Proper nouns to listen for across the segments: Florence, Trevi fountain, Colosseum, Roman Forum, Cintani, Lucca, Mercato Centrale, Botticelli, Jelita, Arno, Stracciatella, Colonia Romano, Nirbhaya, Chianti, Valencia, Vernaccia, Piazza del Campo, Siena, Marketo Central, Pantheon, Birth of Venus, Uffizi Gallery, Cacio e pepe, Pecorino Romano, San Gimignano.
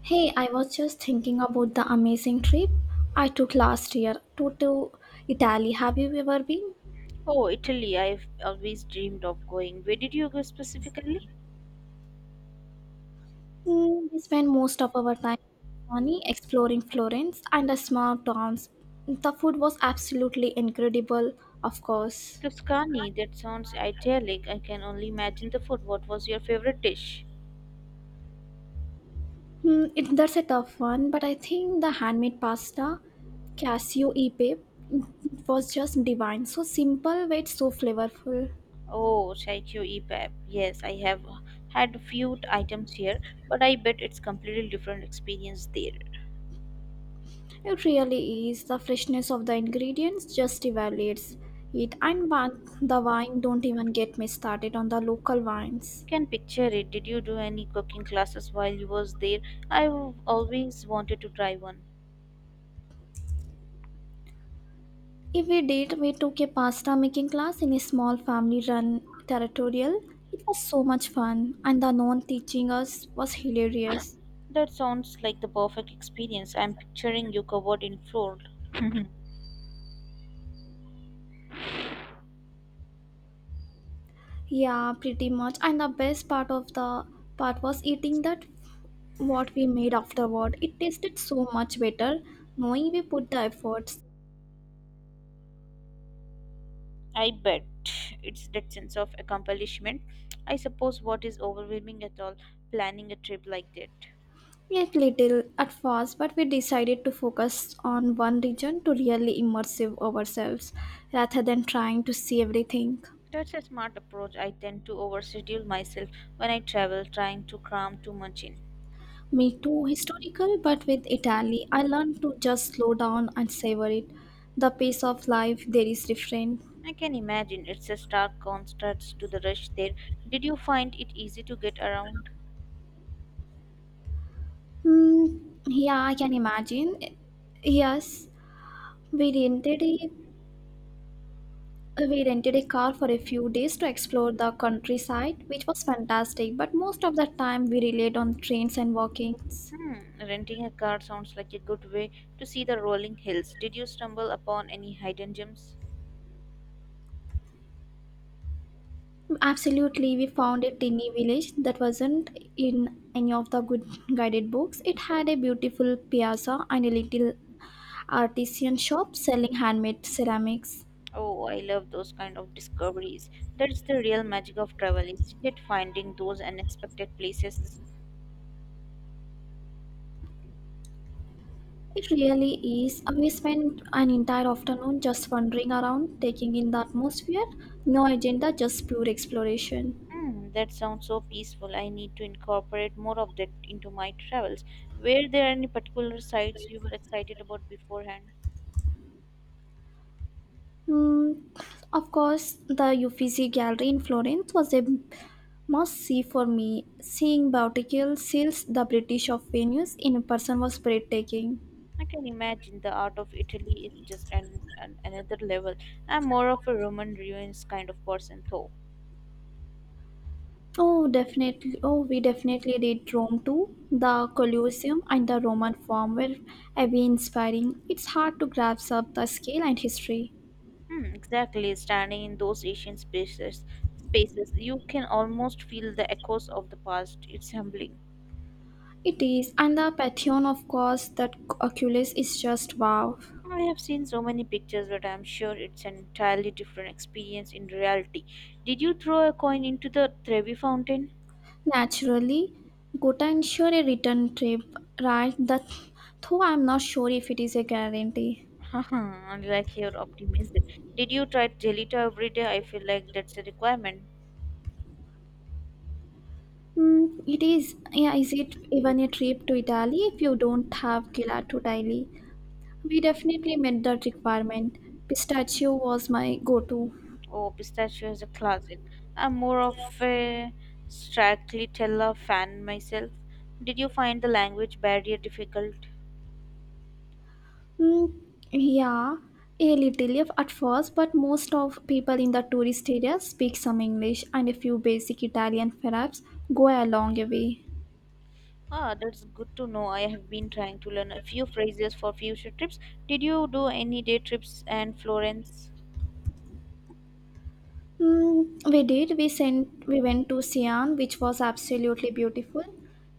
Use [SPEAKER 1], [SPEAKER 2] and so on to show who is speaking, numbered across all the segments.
[SPEAKER 1] Hey, I was just thinking about the amazing trip I took last year to Italy. Have you ever been?
[SPEAKER 2] Oh, Italy, I've always dreamed of going. Where did you go specifically?
[SPEAKER 1] We spent most of our time in Tuscany exploring Florence and the small towns. The food was absolutely incredible, of course.
[SPEAKER 2] Tuscany, that sounds idyllic. I can only imagine the food. What was your favorite dish?
[SPEAKER 1] That's a tough one, but I think the handmade pasta, Casio e pepe, was just divine. So simple, yet so flavorful.
[SPEAKER 2] Oh, Chaikyo Epap. Yes, I have had a few items here, but I bet it's completely different experience there.
[SPEAKER 1] It really is. The freshness of the ingredients just evaluates it. And one, the wine, don't even get me started on the local
[SPEAKER 2] I
[SPEAKER 1] wines.
[SPEAKER 2] can picture it. Did you do any cooking classes while you was there? I've always wanted to try one.
[SPEAKER 1] If we did, we took a pasta making class in a small family run territorial. It was so much fun, and the non teaching us was hilarious.
[SPEAKER 2] That sounds like the perfect experience. I'm picturing you covered in flour.
[SPEAKER 1] Yeah, pretty much. And the best part of the part was eating that what we made afterward. It tasted so much better knowing we put the effort.
[SPEAKER 2] I bet it's that sense of accomplishment. I suppose what is overwhelming at all planning a trip like that.
[SPEAKER 1] Yet little at first, but we decided to focus on one region to really immersive ourselves rather than trying to see everything.
[SPEAKER 2] That's a smart approach. I tend to overschedule myself when I travel, trying to cram too much in.
[SPEAKER 1] Me too, historical, but with Italy, I learned to just slow down and savor it. The pace of life there is different.
[SPEAKER 2] I can imagine it's a stark contrast to the rush there. Did you find it easy to get around?
[SPEAKER 1] Hmm, yeah, I can imagine. Yes, we rented a we rented a car for a few days to explore the countryside, which was fantastic. But most of the time, we relied on trains and walkings.
[SPEAKER 2] Hmm, renting a car sounds like a good way to see the rolling hills. Did you stumble upon any hidden gems?
[SPEAKER 1] Absolutely, we found a tiny village that wasn't in any of the good guided books. It had a beautiful piazza and a little artisan shop selling handmade ceramics.
[SPEAKER 2] Oh, I love those kind of discoveries. That's the real magic of travel, isn't it? Finding those unexpected places.
[SPEAKER 1] It really is. We spent an entire afternoon just wandering around, taking in the atmosphere. No agenda, just pure exploration.
[SPEAKER 2] Hmm, that sounds so peaceful. I need to incorporate more of that into my travels. Were there any particular sites you were excited about beforehand?
[SPEAKER 1] Mm, of course, the Uffizi Gallery in Florence was a must see for me. Seeing Bouticule seals the British of Venus in person was breathtaking.
[SPEAKER 2] I can imagine the art of Italy is just an another level. I'm more of a Roman ruins kind of person, though.
[SPEAKER 1] Oh, definitely. Oh, we definitely did Rome too. The Colosseum and the Roman Forum were very inspiring. It's hard to grasp up the scale and history.
[SPEAKER 2] Hmm, exactly. Standing in those ancient spaces, you can almost feel the echoes of the past. It's humbling.
[SPEAKER 1] It is, and the Pantheon, of course, that Oculus is just wow.
[SPEAKER 2] I have seen so many pictures, but I'm sure it's an entirely different experience in reality. Did you throw a coin into the Trevi fountain?
[SPEAKER 1] Naturally, Gotha ensure a return trip, right? That, though I'm not sure if it is a guarantee.
[SPEAKER 2] I like your optimism. Did you try Jelita every day? I feel like that's a requirement.
[SPEAKER 1] It is, yeah, is it even a trip to Italy if you don't have gelato daily? We definitely met that requirement. Pistachio was my go-to.
[SPEAKER 2] Oh, pistachio is a classic. I'm more of a Stracciatella fan myself. Did you find the language barrier difficult?
[SPEAKER 1] Mm, yeah, a little of at first, but most of people in the tourist area speak some English and a few basic Italian perhaps go a long way.
[SPEAKER 2] Ah, that's good to know. I have been trying to learn a few phrases for future trips. Did you do any day trips and Florence?
[SPEAKER 1] We did. We sent. We went to Sian, which was absolutely beautiful.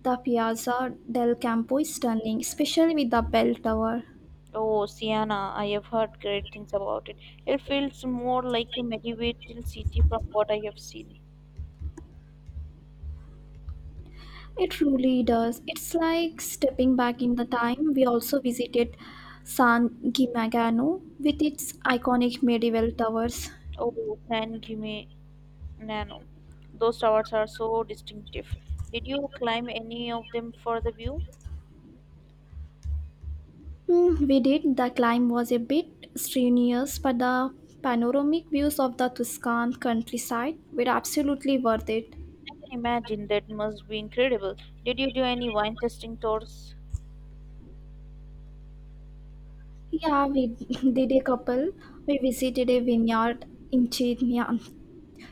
[SPEAKER 1] The Piazza del Campo is stunning, especially with the bell tower.
[SPEAKER 2] Oh, Siena, I have heard great things about it. It feels more like a medieval city from what I have seen.
[SPEAKER 1] It truly does. It's like stepping back in the time. We also visited San Gimignano with its iconic medieval towers.
[SPEAKER 2] Oh, San Gimignano. Those towers are so distinctive. Did you climb any of them for the view?
[SPEAKER 1] We did. The climb was a bit strenuous, but the panoramic views of the Tuscan countryside were absolutely worth it.
[SPEAKER 2] I can imagine that must be incredible. Did you do any wine tasting tours?
[SPEAKER 1] Yeah, we did a couple. We visited a vineyard in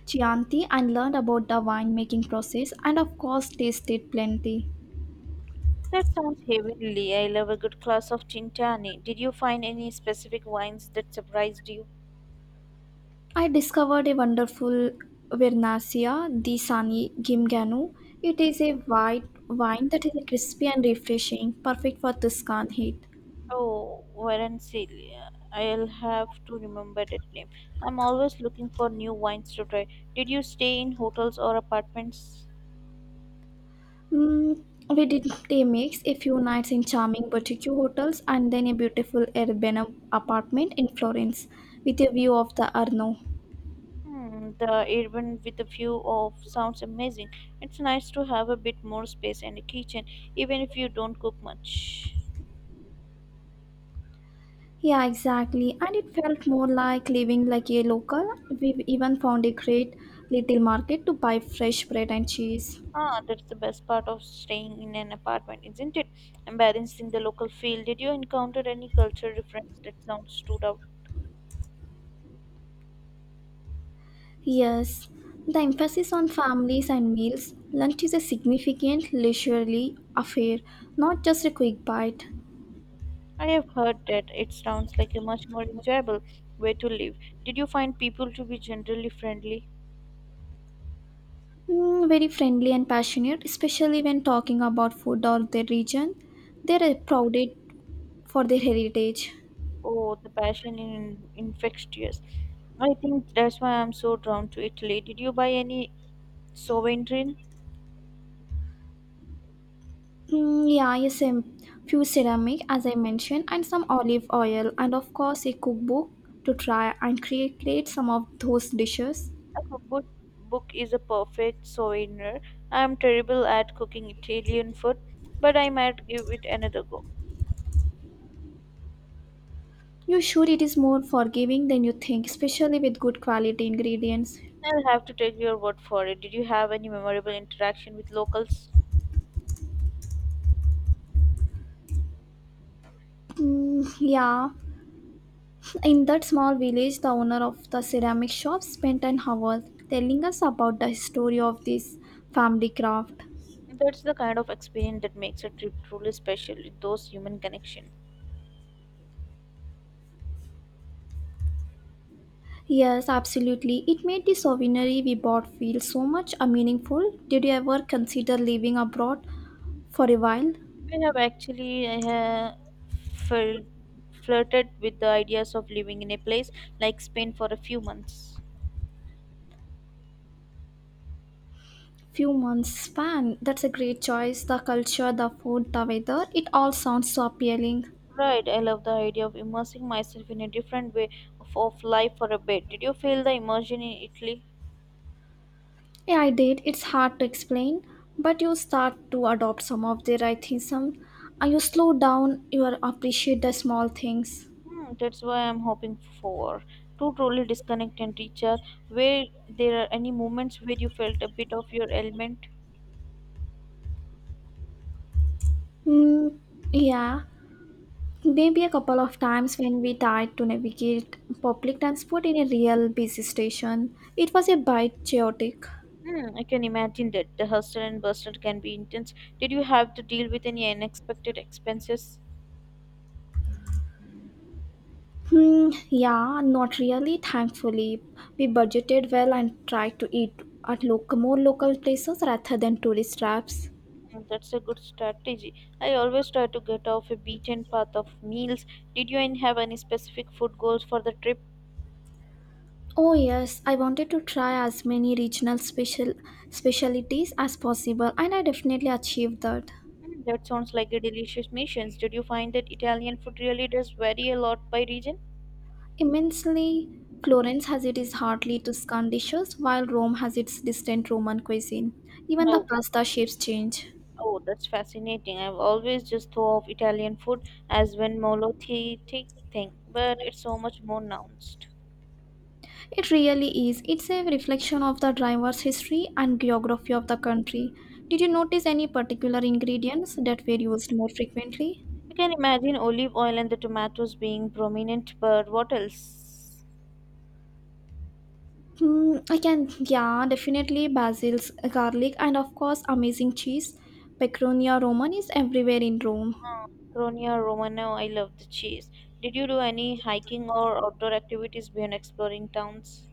[SPEAKER 1] Chianti and learned about the winemaking process, and of course, tasted plenty.
[SPEAKER 2] That sounds heavenly. I love a good glass of Cintani. Did you find any specific wines that surprised you?
[SPEAKER 1] I discovered a wonderful Vernaccia, the Sani Gimgano. It is a white wine that is crispy and refreshing, perfect for Tuscan heat.
[SPEAKER 2] Oh, Valencia. I'll have to remember that name. I'm always looking for new wines to try. Did you stay in hotels or apartments?
[SPEAKER 1] Mm, we did a mix, a few nights in charming boutique hotels, and then a beautiful urban apartment in Florence with a view of the Arno.
[SPEAKER 2] Hmm, the urban with a view of sounds amazing. It's nice to have a bit more space and a kitchen, even if you don't cook much.
[SPEAKER 1] Yeah, exactly. And it felt more like living like a local. We even found a great little market to buy fresh bread and cheese.
[SPEAKER 2] Ah, that's the best part of staying in an apartment, isn't it? And balancing the local feel. Did you encounter any cultural difference that sounds stood out?
[SPEAKER 1] Yes, the emphasis on families and meals, lunch is a significant leisurely affair, not just a quick bite.
[SPEAKER 2] I have heard that it sounds like a much more enjoyable way to live. Did you find people to be generally friendly?
[SPEAKER 1] Very friendly and passionate, especially when talking about food or their region. They are prouded for their heritage.
[SPEAKER 2] Oh, the passion in infectious. I think that's why I'm so drawn to Italy. Did you buy any souvenir?
[SPEAKER 1] Yeah, yes, a few ceramic, as I mentioned, and some olive oil, and of course, a cookbook to try and create some of those dishes.
[SPEAKER 2] A cookbook book is a perfect souvenir. I'm terrible at cooking Italian food, but I might give it another go.
[SPEAKER 1] You're sure it is more forgiving than you think, especially with good quality ingredients.
[SPEAKER 2] I'll have to take your word for it. Did you have any memorable interaction with locals?
[SPEAKER 1] Mm, yeah, in that small village, the owner of the ceramic shop spent an hour telling us about the history of this family craft.
[SPEAKER 2] That's the kind of experience that makes a trip truly special. Those human connection.
[SPEAKER 1] Yes, absolutely. It made the souvenir we bought feel so much meaningful. Did you ever consider living abroad for a while?
[SPEAKER 2] We have actually felt flirted with the ideas of living in a place like Spain for a few months.
[SPEAKER 1] Few months span. That's a great choice. The culture, the food, the weather, it all sounds so appealing.
[SPEAKER 2] Right, I love the idea of immersing myself in a different way of life for a bit. Did you feel the immersion in Italy?
[SPEAKER 1] Yeah, I did. It's hard to explain, but you start to adopt some of their atheism and you slow down, you appreciate the small things.
[SPEAKER 2] Hmm, that's why I'm hoping for to truly disconnect and recharge. Where there are any moments where you felt a bit of your element.
[SPEAKER 1] Mm, yeah, Maybe a couple of times when we tried to navigate public transport in a real busy station, it was a bit chaotic.
[SPEAKER 2] Hmm, I can imagine that. The hustle and bustle can be intense. Did you have to deal with any unexpected expenses?
[SPEAKER 1] Yeah, Not really, thankfully. We budgeted well and tried to eat at local, more local places rather than tourist traps.
[SPEAKER 2] Hmm, that's a good strategy. I always try to get off a beaten path of meals. Did you have any specific food goals for the trip?
[SPEAKER 1] Oh yes, I wanted to try as many regional specialities as possible and I definitely achieved that.
[SPEAKER 2] Hmm, that sounds like a delicious mission. Did you find that Italian food really does vary a lot by region?
[SPEAKER 1] Immensely, Florence has its hardly Tuscan dishes while Rome has its distant Roman cuisine. Even the
[SPEAKER 2] Oh,
[SPEAKER 1] pasta shapes change.
[SPEAKER 2] oh, that's fascinating. I've always just thought of Italian food as one monolithic thing, but it's so much more nuanced.
[SPEAKER 1] It really is. It's a reflection of the driver's history and geography of the country. Did you notice any particular ingredients that were used more frequently?
[SPEAKER 2] You can imagine olive oil and the tomatoes being prominent, but what else?
[SPEAKER 1] Definitely basils, garlic, and of course, amazing cheese. Pecunia romana is everywhere in Rome.
[SPEAKER 2] Uh, Colonia Romano, I love the cheese. Did you do any hiking or outdoor activities beyond exploring towns?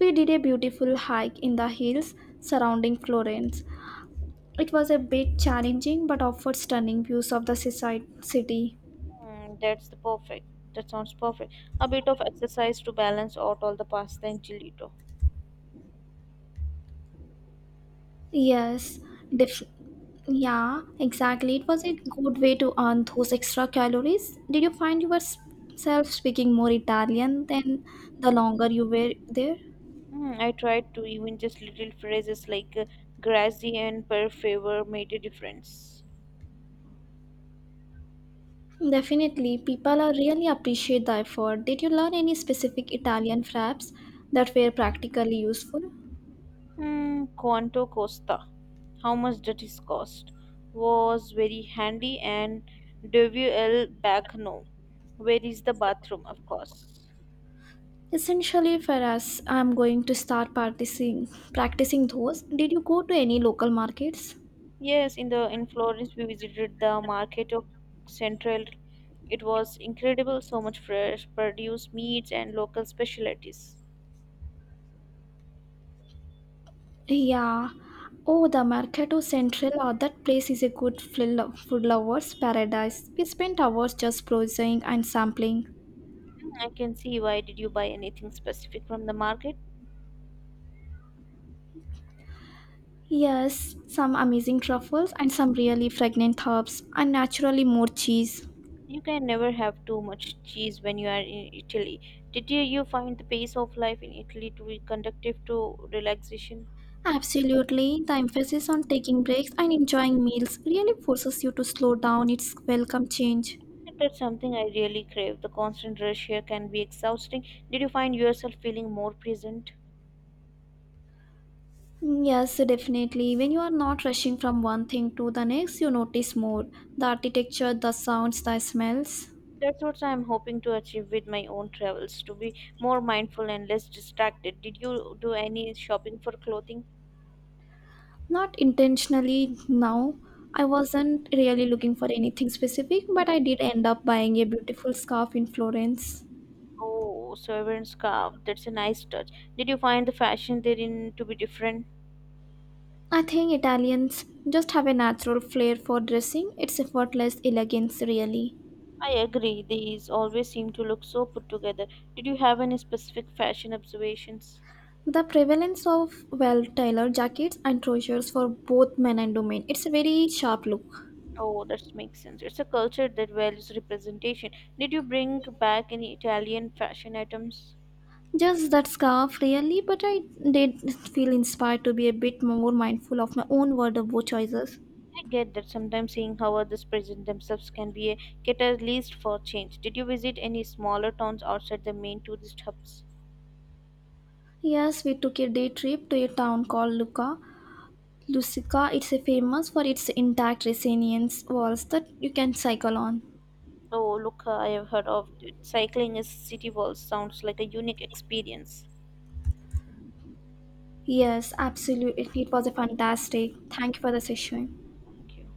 [SPEAKER 1] We did a beautiful hike in the hills surrounding Florence. It was a bit challenging but offered stunning views of the seaside city.
[SPEAKER 2] Mm, that's the perfect. That sounds perfect. A bit of exercise to balance out all the pasta and gelato.
[SPEAKER 1] Yes, def- yeah, exactly. It was a good way to earn those extra calories. Did you find yourself speaking more Italian than the longer you were there?
[SPEAKER 2] I tried to even just little phrases like grassy and per favor made a difference.
[SPEAKER 1] Definitely, people are really appreciate the effort. Did you learn any specific Italian fraps that were practically useful?
[SPEAKER 2] Hmm, Quanto Costa, how much did it cost was very handy, and WL back no, where is the bathroom, of course.
[SPEAKER 1] Essentially, for us, I'm going to start practicing those. Did you go to any local markets?
[SPEAKER 2] Yes, in the in Florence we visited the Marketo Central. It was incredible, so much fresh produce, meats and local specialties.
[SPEAKER 1] Yeah. Oh, the Mercato Central, oh, that place is a good food lover's paradise. We spent hours just browsing and sampling.
[SPEAKER 2] I can see why. Did you buy anything specific from the market?
[SPEAKER 1] Yes, some amazing truffles and some really fragrant herbs, and naturally more cheese.
[SPEAKER 2] You can never have too much cheese when you are in Italy. Did you find the pace of life in Italy to be conductive to relaxation?
[SPEAKER 1] Absolutely. The emphasis on taking breaks and enjoying meals really forces you to slow down. It's welcome change.
[SPEAKER 2] That's something I really crave. The constant rush here can be exhausting. Did you find yourself feeling more present?
[SPEAKER 1] Yes, definitely. When you are not rushing from one thing to the next, you notice more the architecture, the sounds, the smells.
[SPEAKER 2] That's what I'm hoping to achieve with my own travels, to be more mindful and less distracted. Did you do any shopping for clothing?
[SPEAKER 1] Not intentionally now. I wasn't really looking for anything specific, but I did end up buying a beautiful scarf in Florence.
[SPEAKER 2] Oh, sovereign scarf. That's a nice touch. Did you find the fashion therein to be different?
[SPEAKER 1] I think Italians just have a natural flair for dressing. It's effortless elegance, really.
[SPEAKER 2] I agree. These always seem to look so put together. Did you have any specific fashion observations?
[SPEAKER 1] The prevalence of well-tailored jackets and trousers for both men and women. It's a very sharp look.
[SPEAKER 2] Oh, that makes sense. It's a culture that values representation. Did you bring back any Italian fashion items?
[SPEAKER 1] Just that scarf, really, but I did feel inspired to be a bit more mindful of my own wardrobe choices.
[SPEAKER 2] I get that sometimes seeing how others present themselves can be a catalyst for change. Did you visit any smaller towns outside the main tourist hubs?
[SPEAKER 1] Yes, we took a day trip to a town called Lucca. Lusica, it's a famous for its intact resilience walls that you can cycle on.
[SPEAKER 2] Oh, look, I have heard of it. Cycling is city walls. Sounds like a unique experience.
[SPEAKER 1] Yes, absolutely. It was a fantastic. Thank you for the session.
[SPEAKER 2] Thank you.